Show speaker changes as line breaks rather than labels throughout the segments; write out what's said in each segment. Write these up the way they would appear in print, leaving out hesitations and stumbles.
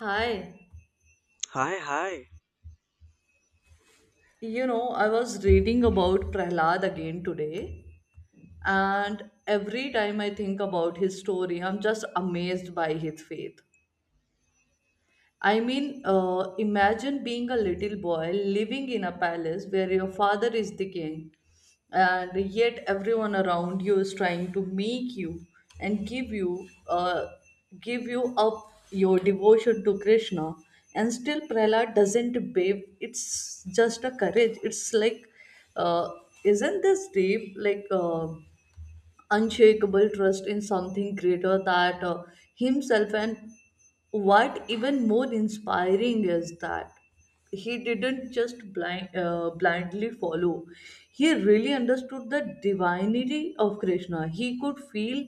Hi.
Hi, hi.
You know, I was reading about Prahlad again today, and every time I think about his story, I'm just amazed by his faith. I mean, imagine being a little boy living in a palace where your father is the king, and yet everyone around you is trying to make you and give you up your devotion to Krishna, and still Prahlad doesn't babe. It's just a courage. It's like, uh, isn't this deep? Like. Unshakable trust in something greater that himself. And what even more inspiring is that he didn't just blindly follow. He really understood the divinity of Krishna. He could feel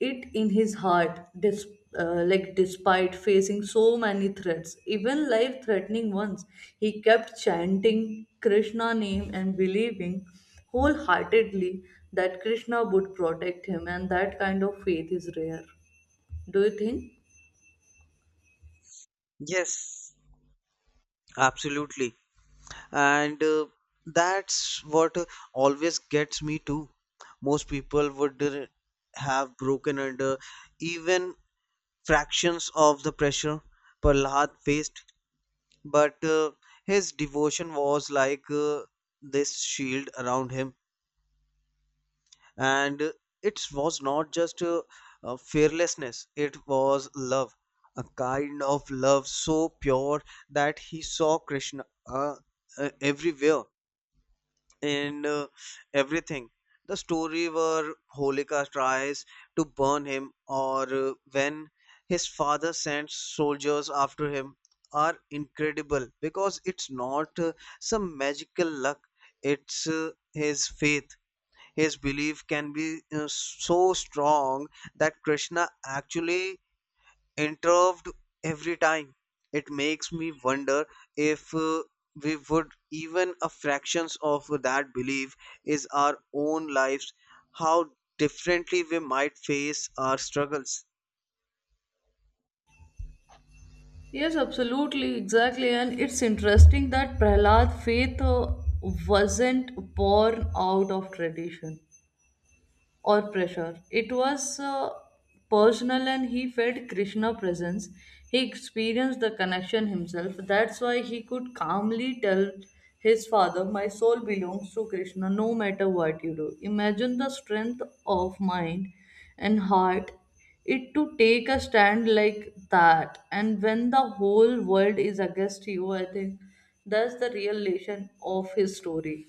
it in his heart. Despite facing so many threats, even life threatening ones, he kept chanting Krishna name and believing wholeheartedly that Krishna would protect him, and that kind of faith is rare, do you think?
Yes, absolutely. And that's what always gets me too. Most people would have broken under even fractions of the pressure Prahlad faced, but his devotion was like this shield around him. And it was not just fearlessness, it was love, a kind of love so pure that he saw Krishna everywhere in everything. The story where Holika tries to burn him, or when his father sends soldiers after him, are incredible because it's not some magical luck, it's his faith. His belief can be so strong that Krishna actually intervened every time. It makes me wonder if we would even a fractions of that belief is our own lives, how differently we might face our struggles.
Yes, absolutely, exactly. And it's interesting that Prahlad faith wasn't born out of tradition or pressure. It was personal, and he felt Krishna presence. He experienced the connection himself. That's why he could calmly tell his father, "My soul belongs to Krishna no matter what you do." Imagine the strength of mind and heart it to take a stand like that, and when the whole world is against you. I think that's the real lesson of his story,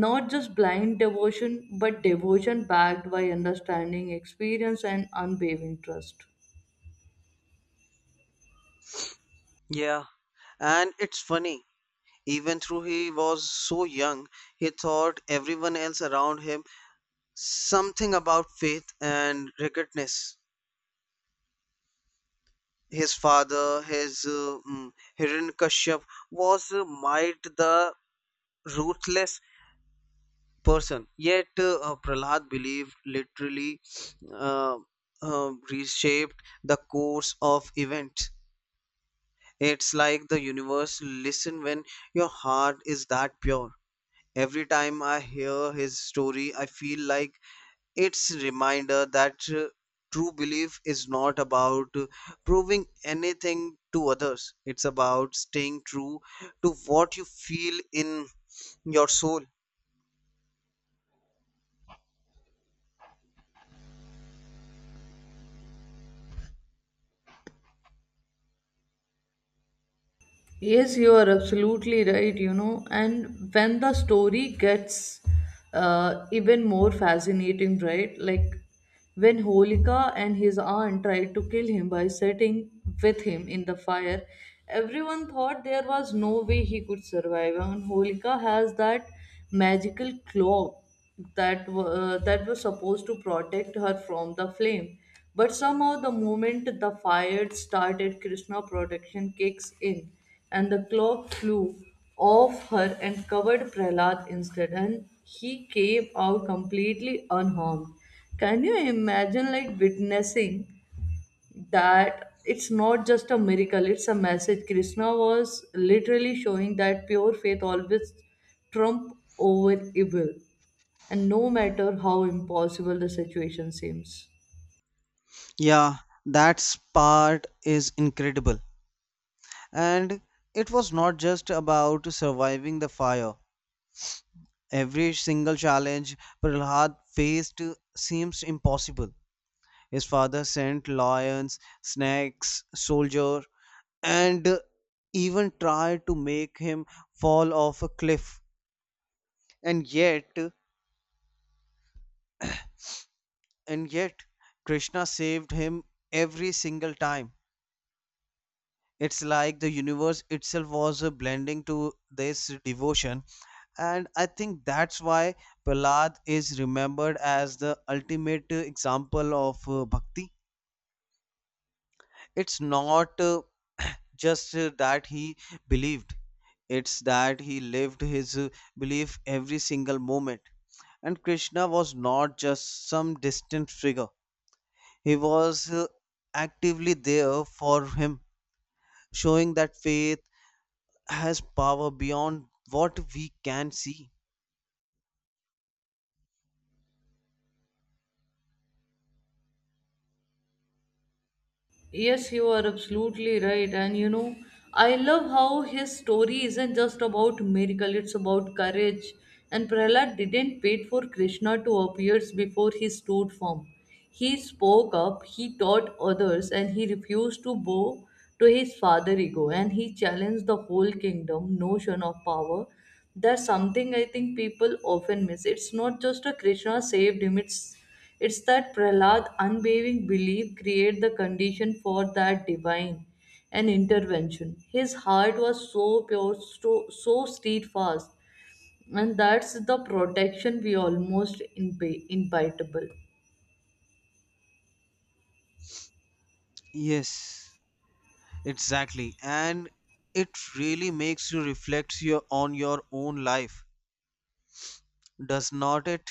not just blind devotion, but devotion backed by understanding, experience, and unwavering trust.
Yeah, and it's funny. Even though he was so young, he thought everyone else around him something about faith and rigidness. His father, his Hiranyakashyap was might the ruthless person. Yet Prahlad believed literally uh, reshaped the course of events. It's like the universe listen when your heart is that pure. Every time I hear his story, I feel like it's reminder that true belief is not about proving anything to others. It's about staying true to what you feel in your soul.
Yes, you are absolutely right, you know. And when the story gets even more fascinating, right? Like when Holika and his aunt tried to kill him by setting with him in the fire, everyone thought there was no way he could survive. And Holika has that magical claw that was supposed to protect her from the flame. But somehow, the moment the fire started, Krishna protection kicks in, and the clock flew off her and covered Prahlad instead, and he came out completely unharmed. Can you imagine, like, witnessing that? It's not just a miracle, it's a message. Krishna was literally showing that pure faith always trump over evil, and no matter how impossible the situation seems.
Yeah, that part is incredible, and it was not just about surviving the fire. Every single challenge Prahlad faced seems impossible. His father sent lions, snakes, soldier, and even tried to make him fall off a cliff. And yet, and yet, Krishna saved him every single time. It's like the universe itself was a blending to this devotion. And I think that's why Prahlad is remembered as the ultimate example of bhakti. It's not just that he believed, it's that he lived his belief every single moment. And Krishna was not just some distant figure, he was actively there for him, showing that faith has power beyond what we can see.
Yes, you are absolutely right. And you know, I love how his story isn't just about miracle, it's about courage. And Prahlad didn't wait for Krishna to appear before he stood firm. He spoke up, he taught others, and he refused to bow to his father ego. And he challenged the whole kingdom notion of power. That's something I think people often miss. It's not just a Krishna saved him, it's that Prahlad unwavering belief create the condition for that divine an intervention. His heart was so pure, so steadfast, and that's the protection we almost impitable.
Yes, exactly. And it really makes you reflect on your own life, does not it?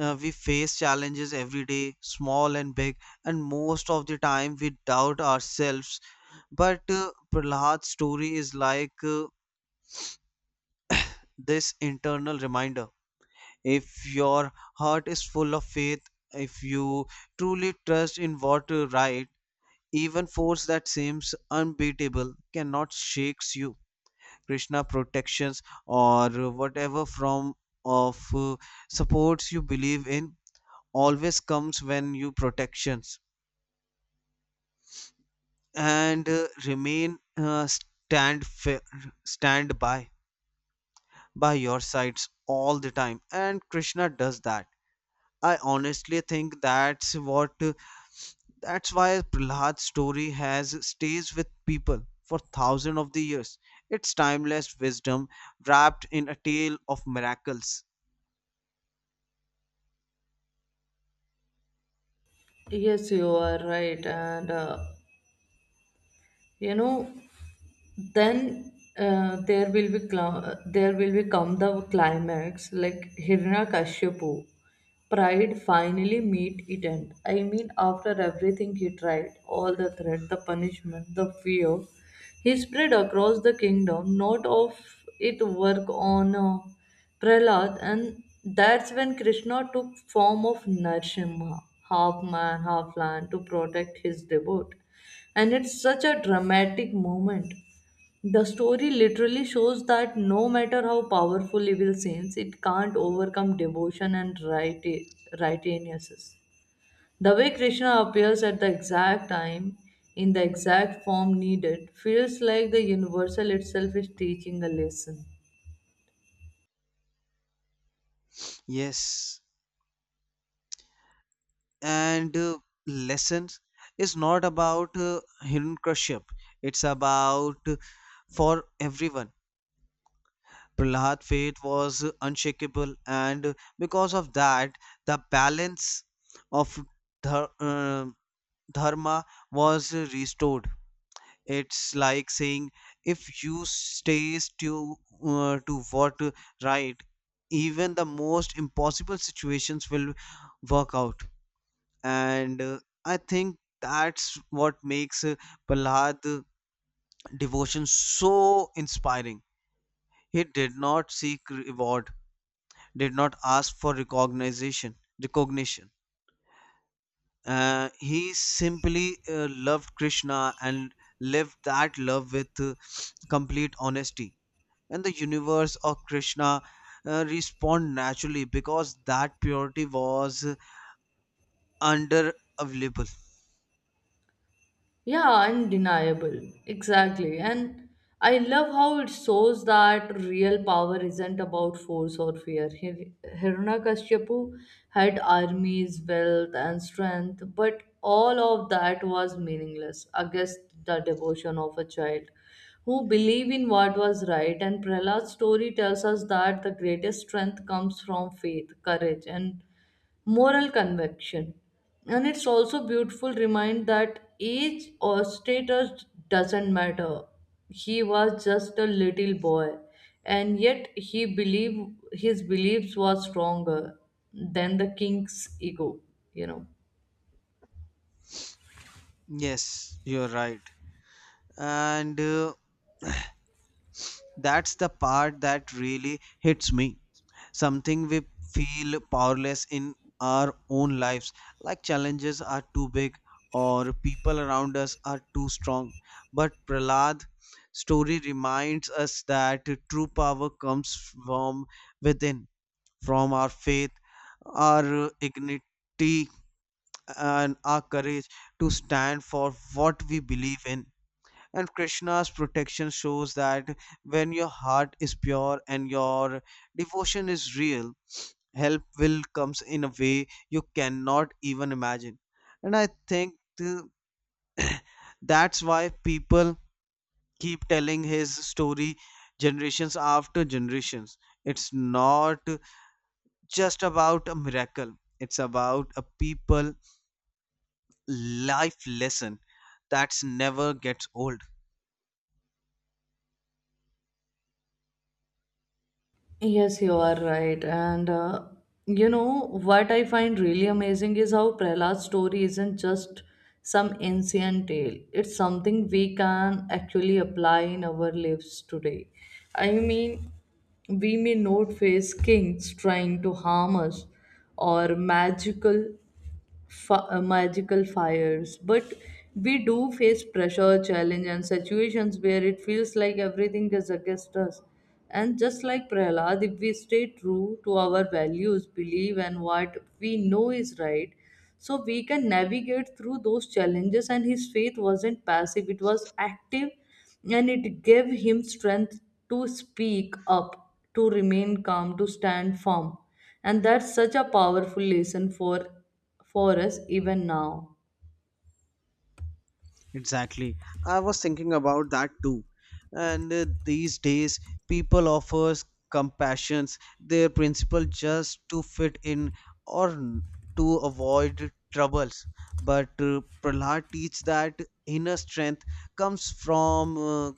We face challenges every day, small and big, and most of the time we doubt ourselves. But Prahlad's story is like this internal reminder. If your heart is full of faith, if you truly trust in what is right, even force that seems unbeatable cannot shakes you. Krishna protections or whatever from of supports you believe in always comes when you protections and remain stand by your sides all the time, and Krishna does that. I honestly think that's what, that's why Prahlad's story has stays with people for thousands of the years. It's timeless wisdom wrapped in a tale of miracles.
Yes, you are right, and you know. Then there will become the climax like Hiranyakashipu pride finally meet it end. I mean, after everything he tried, all the threat, the punishment, the fear he spread across the kingdom, not of it work on Prahlad. And that's when Krishna took form of Narsimha, half man half lion, to protect his devotee. And it's such a dramatic moment. The story literally shows that no matter how powerful evil seems, it can't overcome devotion and righteousness. The way Krishna appears at the exact time, in the exact form needed, feels like the universal itself is teaching a lesson.
Yes and uh, lessons is not about Hiranyakashipu, it's about, for everyone. Prahlad faith was unshakable, and because of that, the balance of dhar- uh, dharma was restored. It's like saying if you stay to what right, even the most impossible situations will work out. And I think that's what makes Prahlad devotion so inspiring. He did not seek reward, did not ask for recognition. He simply loved Krishna and lived that love with complete honesty, and the universe of Krishna respond naturally because that purity was under available.
Yeah, undeniable. Exactly. And I love how it shows that real power isn't about force or fear. Hiranyakashipu had armies, wealth, and strength, but all of that was meaningless against the devotion of a child who believed in what was right. And Prahlad's story tells us that the greatest strength comes from faith, courage, and moral conviction. And it's also beautiful remind that age or status doesn't matter. He was just a little boy, and yet he believed his beliefs were stronger than the king's ego, you know.
Yes, you're right. And that's the part that really hits me. Something we feel powerless in our own lives, like challenges are too big or people around us are too strong. But Prahlad story reminds us that true power comes from within, from our faith, our dignity, and our courage to stand for what we believe in. And Krishna's protection shows that when your heart is pure and your devotion is real, help will comes in a way you cannot even imagine. And I think that's why people keep telling his story generations after generations. It's not just about a miracle, it's about a people life lesson that's never gets old.
Yes, you are right. And you know what I find really amazing is how Prehlad's story isn't just some ancient tale. It's something we can actually apply in our lives today. I mean, we may not face kings trying to harm us, or magical magical fires, but we do face pressure, challenge, and situations where it feels like everything is against us. And just like Prahlad, if we stay true to our values, believe and what we know is right, so we can navigate through those challenges. And his faith wasn't passive, it was active, and it gave him strength to speak up, to remain calm, to stand firm. And that's such a powerful lesson for us even now.
Exactly. I was thinking about that too. And these days, people offers compassions their principle just to fit in or to avoid troubles. But Prahlad teaches that inner strength comes from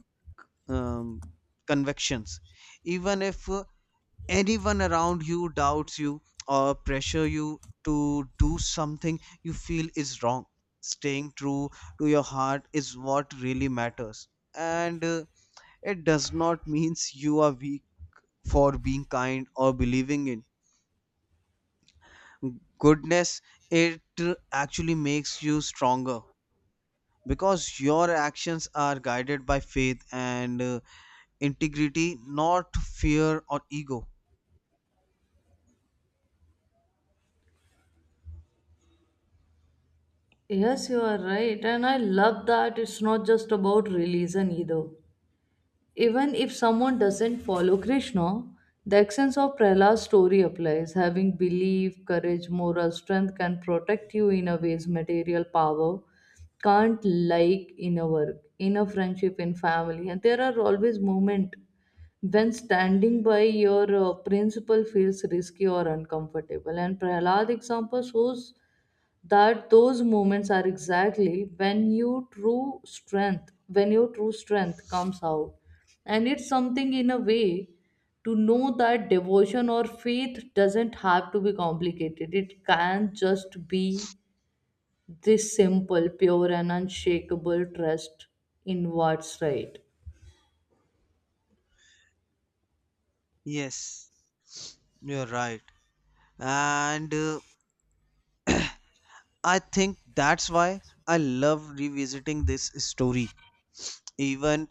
um, convictions. Even if anyone around you doubts you or pressure you to do something you feel is wrong, staying true to your heart is what really matters. And it does not means you are weak for being kind or believing in goodness. It actually makes you stronger because your actions are guided by faith and integrity, not fear or ego.
Yes, you are right. And I love that it's not just about religion either. Even if someone doesn't follow Krishna, the essence of Prahlad's story applies. Having belief, courage, moral strength can protect you in a ways material power can't, like in a work, in a friendship, in family. And there are always moments when standing by your principle feels risky or uncomfortable. And Prahlad example shows that those moments are exactly when your true strength comes out. And it's something in a way to know that devotion or faith doesn't have to be complicated. It can just be this simple, pure, and unshakable trust in what's right.
Yes, you're right. And I think that's why I love revisiting this story. Even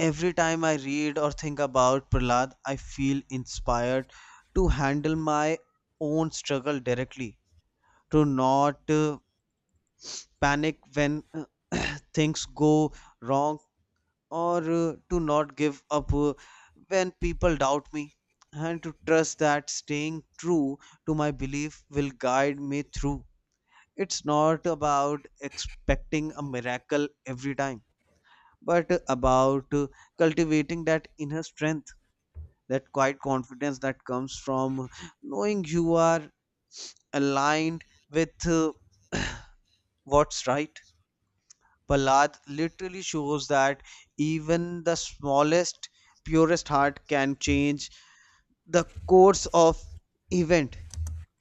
every time I read or think about Prahlad, I feel inspired to handle my own struggle directly, to not panic when things go wrong, or to not give up when people doubt me, and to trust that staying true to my belief will guide me through. It's not about expecting a miracle every time, but about cultivating that inner strength, that quiet confidence that comes from knowing you are aligned with what's right. Ballad literally shows that even the smallest, purest heart can change the course of event,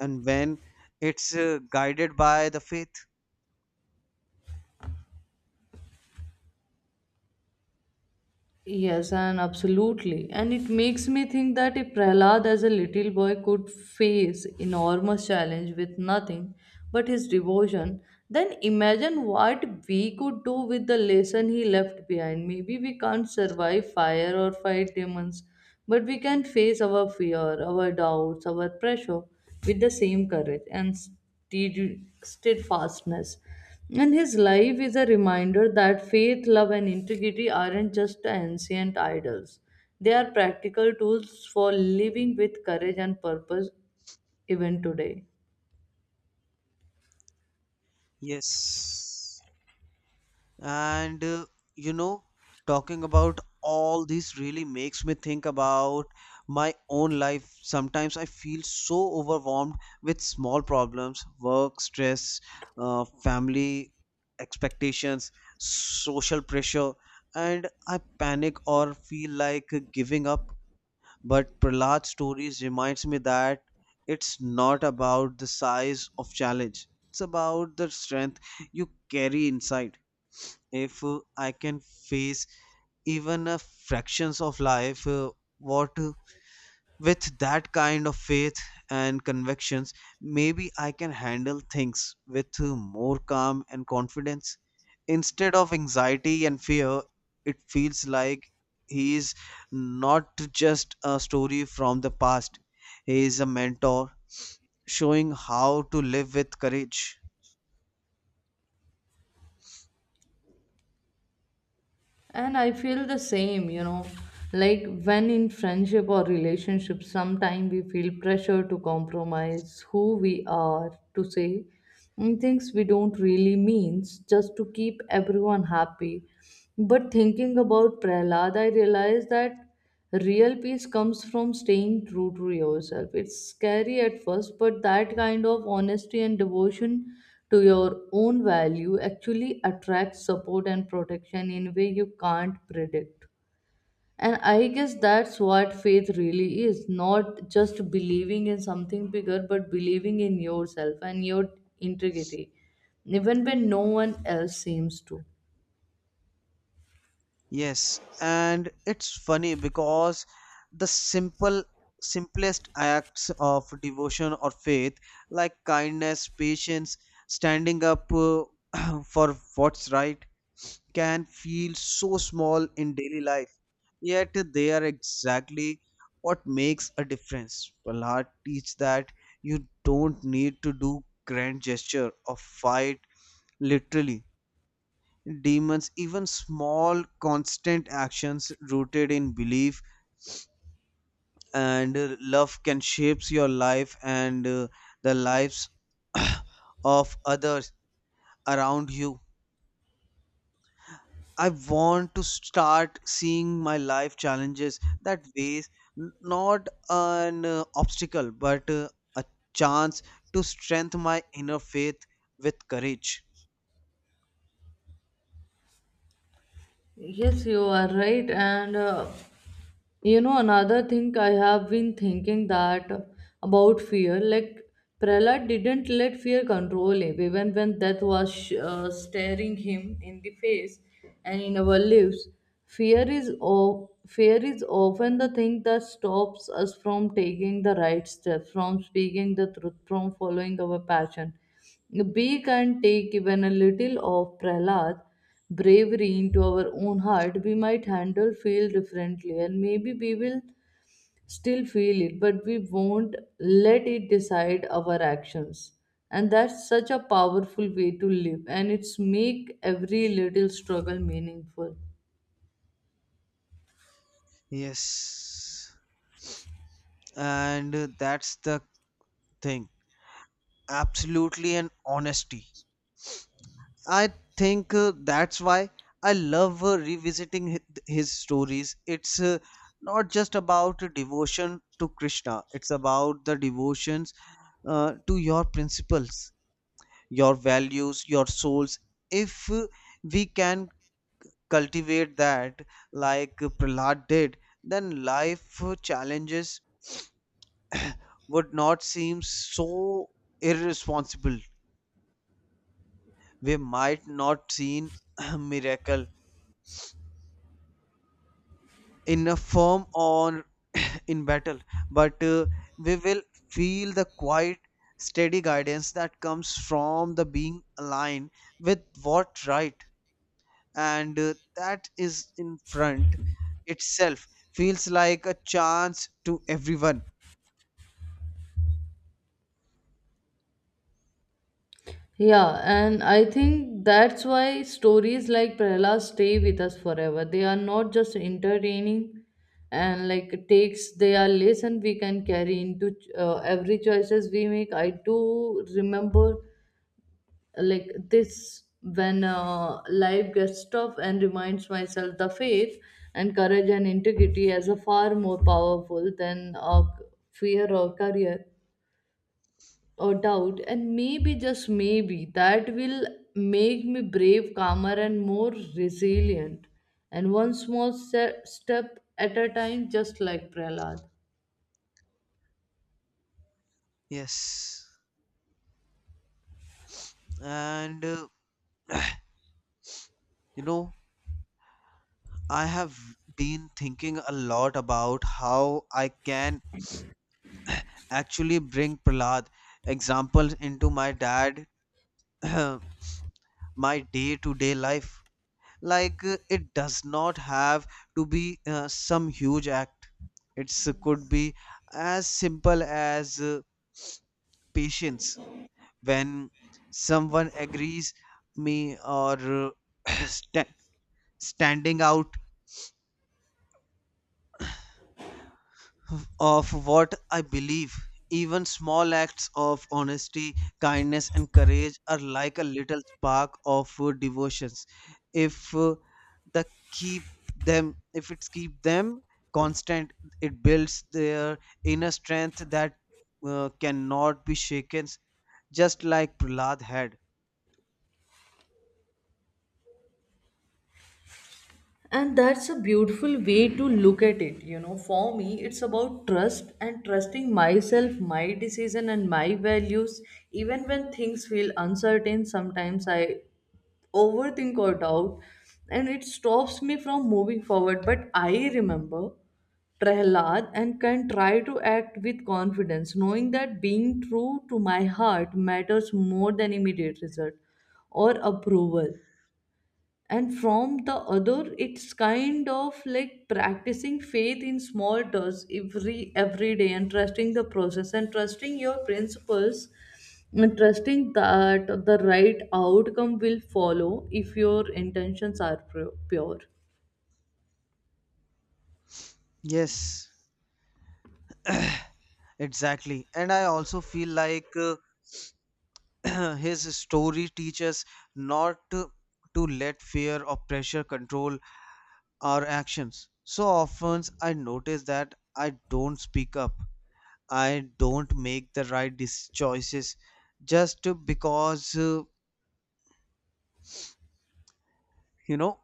and when it's guided by the faith.
Yes, and absolutely. And it makes me think that if Prahlad as a little boy could face enormous challenge with nothing but his devotion, then imagine what we could do with the lesson he left behind. Maybe we can't survive fire or fight demons, but we can face our fear, our doubts, our pressure with the same courage and stead- steadfastness. And his life is a reminder that faith, love, and integrity aren't just ancient idols, they are practical tools for living with courage and purpose, even today.
Yes. And you know, talking about all this really makes me think about my own life. Sometimes I feel so overwhelmed with small problems, work, stress, family expectations, social pressure, and I panic or feel like giving up. But Prahlad's stories reminds me that it's not about the size of challenge. It's about the strength you carry inside. If I can face even a fractions of life what with that kind of faith and convictions, maybe I can handle things with more calm and confidence instead of anxiety and fear. It feels like he is not just a story from the past, he is a mentor showing how to live with courage.
And I feel the same, you know. Like when in friendship or relationship, sometimes we feel pressure to compromise who we are, to say things we don't really mean, just to keep everyone happy. But thinking about Prahlad, I realized that real peace comes from staying true to yourself. It's scary at first, but that kind of honesty and devotion to your own value actually attracts support and protection in a way you can't predict. And I guess that's what faith really is, not just believing in something bigger, but believing in yourself and your integrity, even when no one else seems to.
Yes, and it's funny because the simplest acts of devotion or faith, like kindness, patience, standing up for what's right, can feel so small in daily life. Yet they are exactly what makes a difference. Prahlad teach that you don't need to do grand gesture or fight literally demons. Even small constant actions rooted in belief and love can shapes your life and the lives of others around you. I want to start seeing my life challenges that ways, not an obstacle, but a chance to strengthen my inner faith with courage.
Yes, you are right. And you know, another thing I have been thinking that about fear, like Prahlad didn't let fear control him, even when death was staring him in the face. And in our lives, fear is often the thing that stops us from taking the right step, from speaking the truth, from following our passion. We can take even a little of Prahlad bravery into our own heart. We might handle feel differently, and maybe we will still feel it, but we won't let it decide our actions. And that's such a powerful way to live, and it's make every little struggle meaningful.
Yes, and that's the thing. Absolutely, and honesty I think that's why I love revisiting his stories. It's not just about devotion to Krishna, it's about the devotions to your principles, your values, your souls. If we can cultivate that, like Prahlad did, then life challenges would not seem so irresponsible. We might not see miracle in a form or in battle, but we will feel the quiet steady guidance that comes from the being aligned with what right, and that is in front itself feels like a chance to everyone.
Yeah, and I think that's why stories like Prahla stay with us forever. They are not just entertaining and like takes, they are lesson we can carry into every choices we make. I do remember like this when life gets tough and reminds myself the faith and courage and integrity as a far more powerful than fear or career or doubt. And maybe just maybe that will make me brave, calmer, and more resilient, and one small step at a time, just like Prahlad.
Yes, and you know, I have been thinking a lot about how I can actually bring Prahlad examples into my dad my day to day life. Like it does not have to be some huge act. It could be as simple as patience. When someone agrees me, or sta- standing out of what I believe. Even small acts of honesty, kindness, and courage are like a little spark of devotions. If the keep if it's keep them constant, it builds their inner strength that cannot be shaken. Just like Prahlad had.
And that's a beautiful way to look at it, you know. For me, it's about trust and trusting myself, my decision and my values, even when things feel uncertain. Sometimes I overthink or doubt, and it stops me from moving forward. But I remember Prahlad and can try to act with confidence, knowing that being true to my heart matters more than immediate result or approval. And from the other, it's kind of like practicing faith in small doses, every day, and trusting the process, and trusting your principles, and trusting that the right outcome will follow if your intentions are pure.
Yes, exactly. And I also feel like. His story teaches not to, to let fear or pressure control our actions. So often I notice that I don't speak up. I don't make the right choices just because you know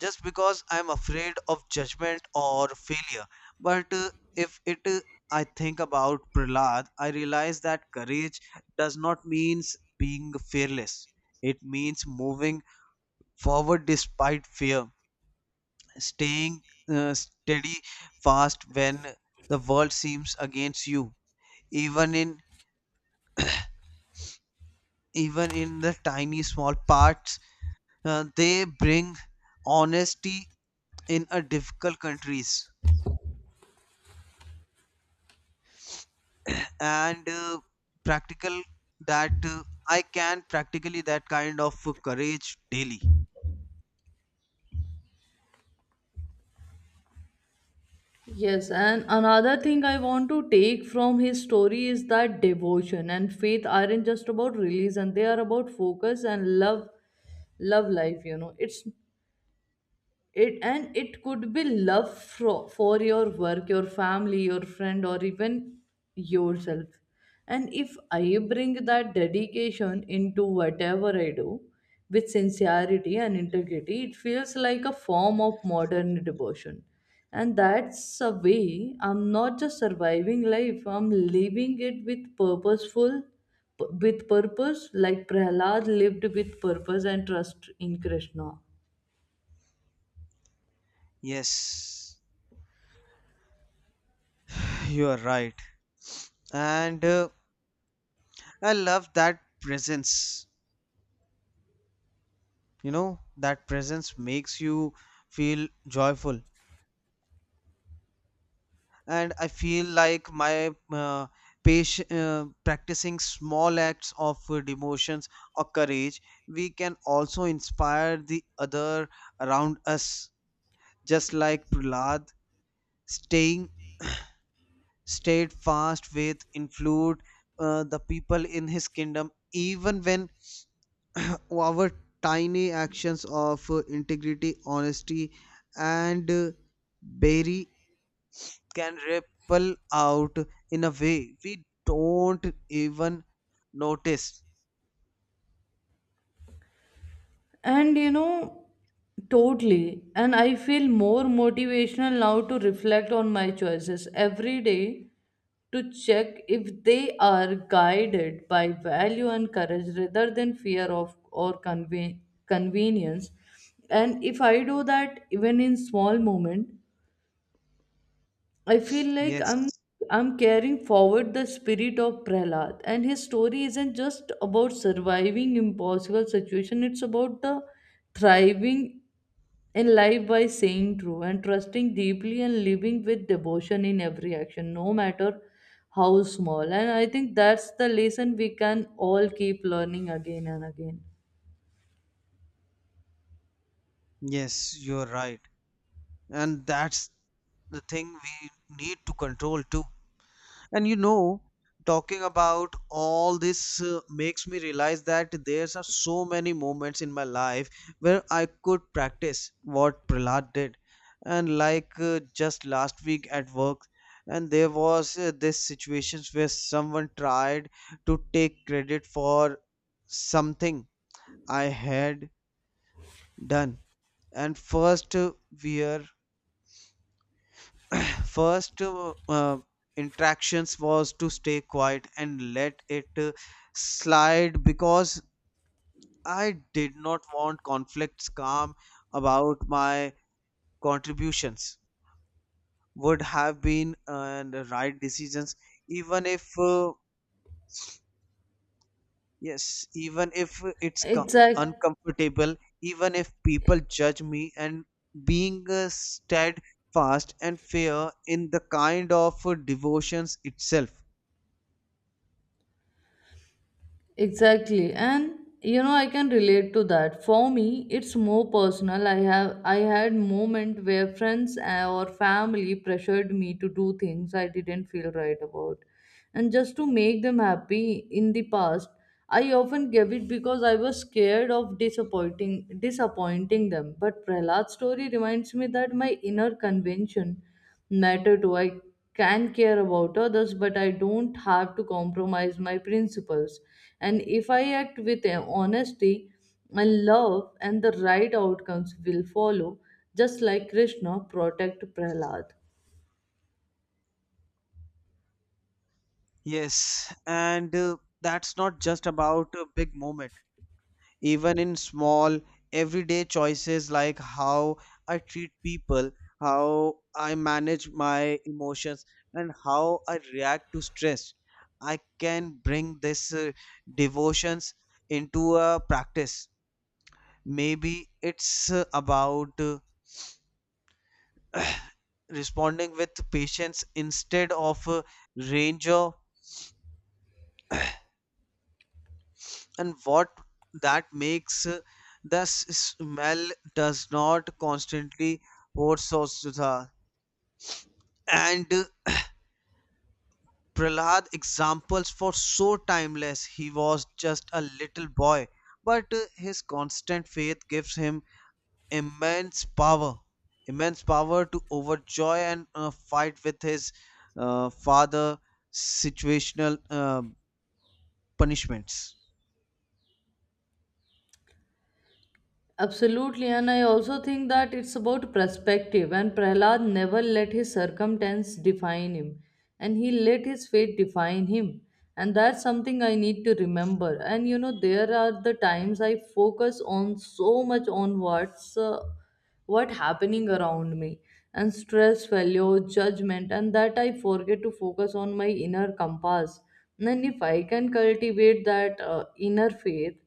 just because I'm afraid of judgment or failure. But if it, I think about Prahlad, I realize that courage does not mean being fearless. It means moving forward despite fear, staying steady fast when the world seems against you. Even in the tiny small parts, they bring honesty in a difficult countries and practical that I can practically that kind of courage daily.
Yes, and another thing I want to take from his story is that devotion and faith aren't just about religion, they are about focus and love, love life, you know. It and it could be love for your work, your family, your friend, or even yourself. And if I bring that dedication into whatever I do with sincerity and integrity, it feels like a form of modern devotion. And that's a way I'm not just surviving life, I'm living it with purpose, like Prahlad lived with purpose and trust in Krishna.
Yes, you are right, and I love that presence. You know, that presence makes you feel joyful. And I feel like my patient, practicing small acts of devotions or courage, we can also inspire the other around us, just like Prahlad staying steadfast with influenced the people in his kingdom even when our tiny actions of integrity honesty and very can ripple out in a way we don't even notice.
And you know, totally. And I feel more motivational now to reflect on my choices every day, to check if they are guided by value and courage rather than fear of or convenience. And if I do that even in small moment, I feel like I'm
Yes,
I'm carrying forward the spirit of Prahlad. And his story isn't just about surviving impossible situation, it's about the thriving in life by saying true and trusting deeply and living with devotion in every action, no matter how small. And I think that's the lesson we can all keep learning again and again.
yes, you're right. And that's the thing we need to control too. And you know, talking about all this makes me realize that there's are so many moments in my life where I could practice what Prahlad did. And like just last week at work, and there was this situations where someone tried to take credit for something I had done. And first we are first interactions was to stay quiet and let it slide because I did not want conflicts calm about my contributions would have been and the right decisions even if yes even if it's
Exact.
uncomfortable even if people judge me and being steadfast and fair in the kind of devotions itself.
Exactly. And you know, I can relate to that. For me, it's more personal. I had moment where friends or family pressured me to do things I didn't feel right about. And just to make them happy in the past, I often gave it because I was scared of disappointing them. But Prahlad's story reminds me that my inner convention matter to. I can care about others, but I don't have to compromise my principles. And if I act with honesty and love, and the right outcomes will follow, just like Krishna protect Prahlad.
Yes, and that's not just about a big moment. Even in small, everyday choices like how I treat people, how I manage my emotions, and how I react to stress, I can bring this devotions into a practice. Maybe it's about responding with patience instead of range of and what that makes the smell does not constantly oversaw and Prahlad examples for so timeless. He was just a little boy, but his constant faith gives him immense power, immense power to overjoy and fight with his father situational punishments.
Absolutely, and I also think that it's about perspective. And Prahlad never let his circumstance define him, and he let his fate define him. And that's something I need to remember. And you know, there are the times I focus on so much on what happening around me, and stress, failure, judgment, and that I forget to focus on my inner compass. And if I can cultivate that inner faith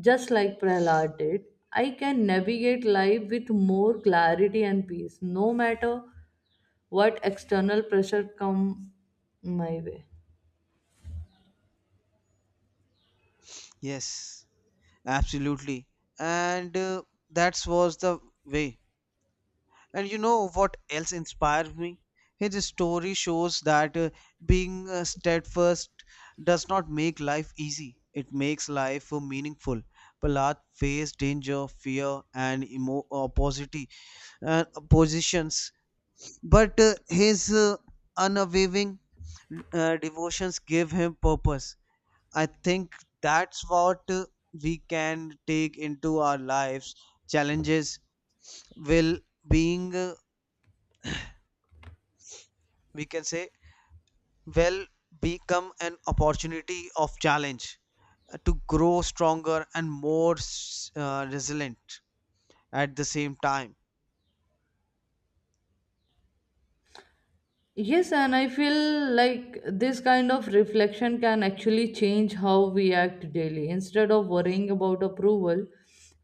just like Prahlad did, I can navigate life with more clarity and peace, no matter what external pressure come my way.
Yes, absolutely. And that was the way. And you know what else inspired me? His story shows that being steadfast does not make life easy. It makes life meaningful. Prahlad faced danger, fear, and opposity, oppositions, but his unwavering devotions gave him purpose. I think that's what we can take into our lives. Challenges will being, we can say, will become an opportunity of challenge to grow stronger and more resilient at the same time.
Yes, and I feel like this kind of reflection can actually change how we act daily. Instead of worrying about approval,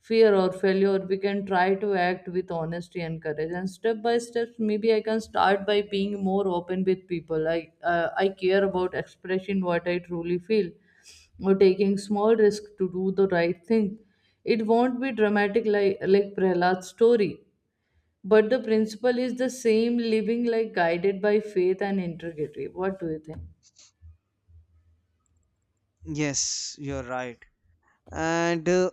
fear, or failure, we can try to act with honesty and courage. And step by step, maybe I can start by being more open with people. I care about expressing what I truly feel, or taking small risk to do the right thing. It won't be dramatic like Prahlad's story, but the principle is the same, living like guided by faith and integrity. What do you think?
Yes, you're right. And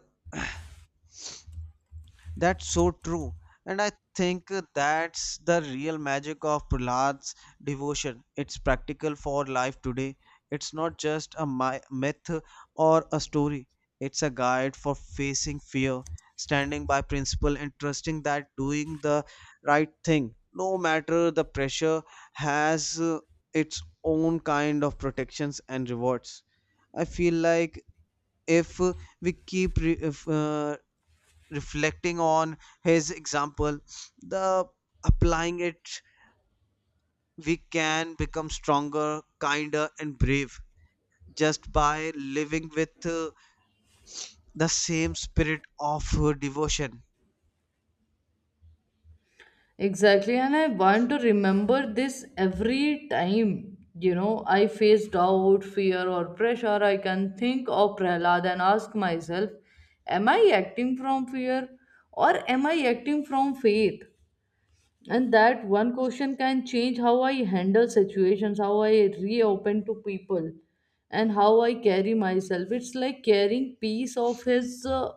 that's so true. And I think that's the real magic of Prahlad's devotion. It's practical for life today. It's not just a myth or a story, it's a guide for facing fear, standing by principle, and trusting that doing the right thing, no matter the pressure, has its own kind of protections and rewards. I feel like if we keep re- if, reflecting on his example the applying it we can become stronger kinder and brave just by living with the same spirit of devotion.
Exactly. And I want to remember this every time, you know, I face doubt, fear, or pressure. I can think of Prahlad and ask myself, am I acting from fear or am I acting from faith? And that one question can change how I handle situations, how I reopen to people, and how I carry myself. It's like carrying piece of his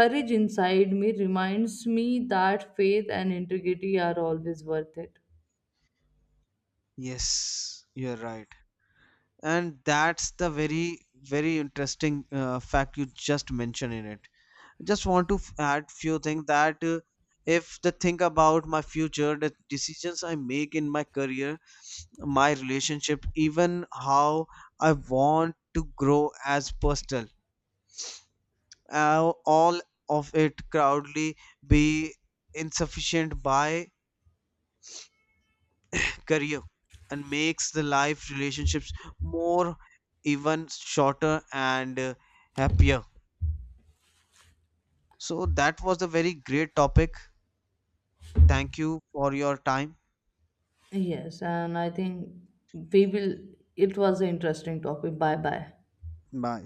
courage inside me, reminds me that faith and integrity are always worth it.
Yes, you're right. And that's the very interesting fact you just mentioned in it. I just want to add few things that if the think about my future the decisions I make in my career my relationship even how I want to grow as personal. All of it proudly be insufficient by career and makes the life relationships more even shorter and happier. So that was a very great topic. Thank you for your time.
Yes, and I think we will, it was an interesting topic. Bye bye.
Bye.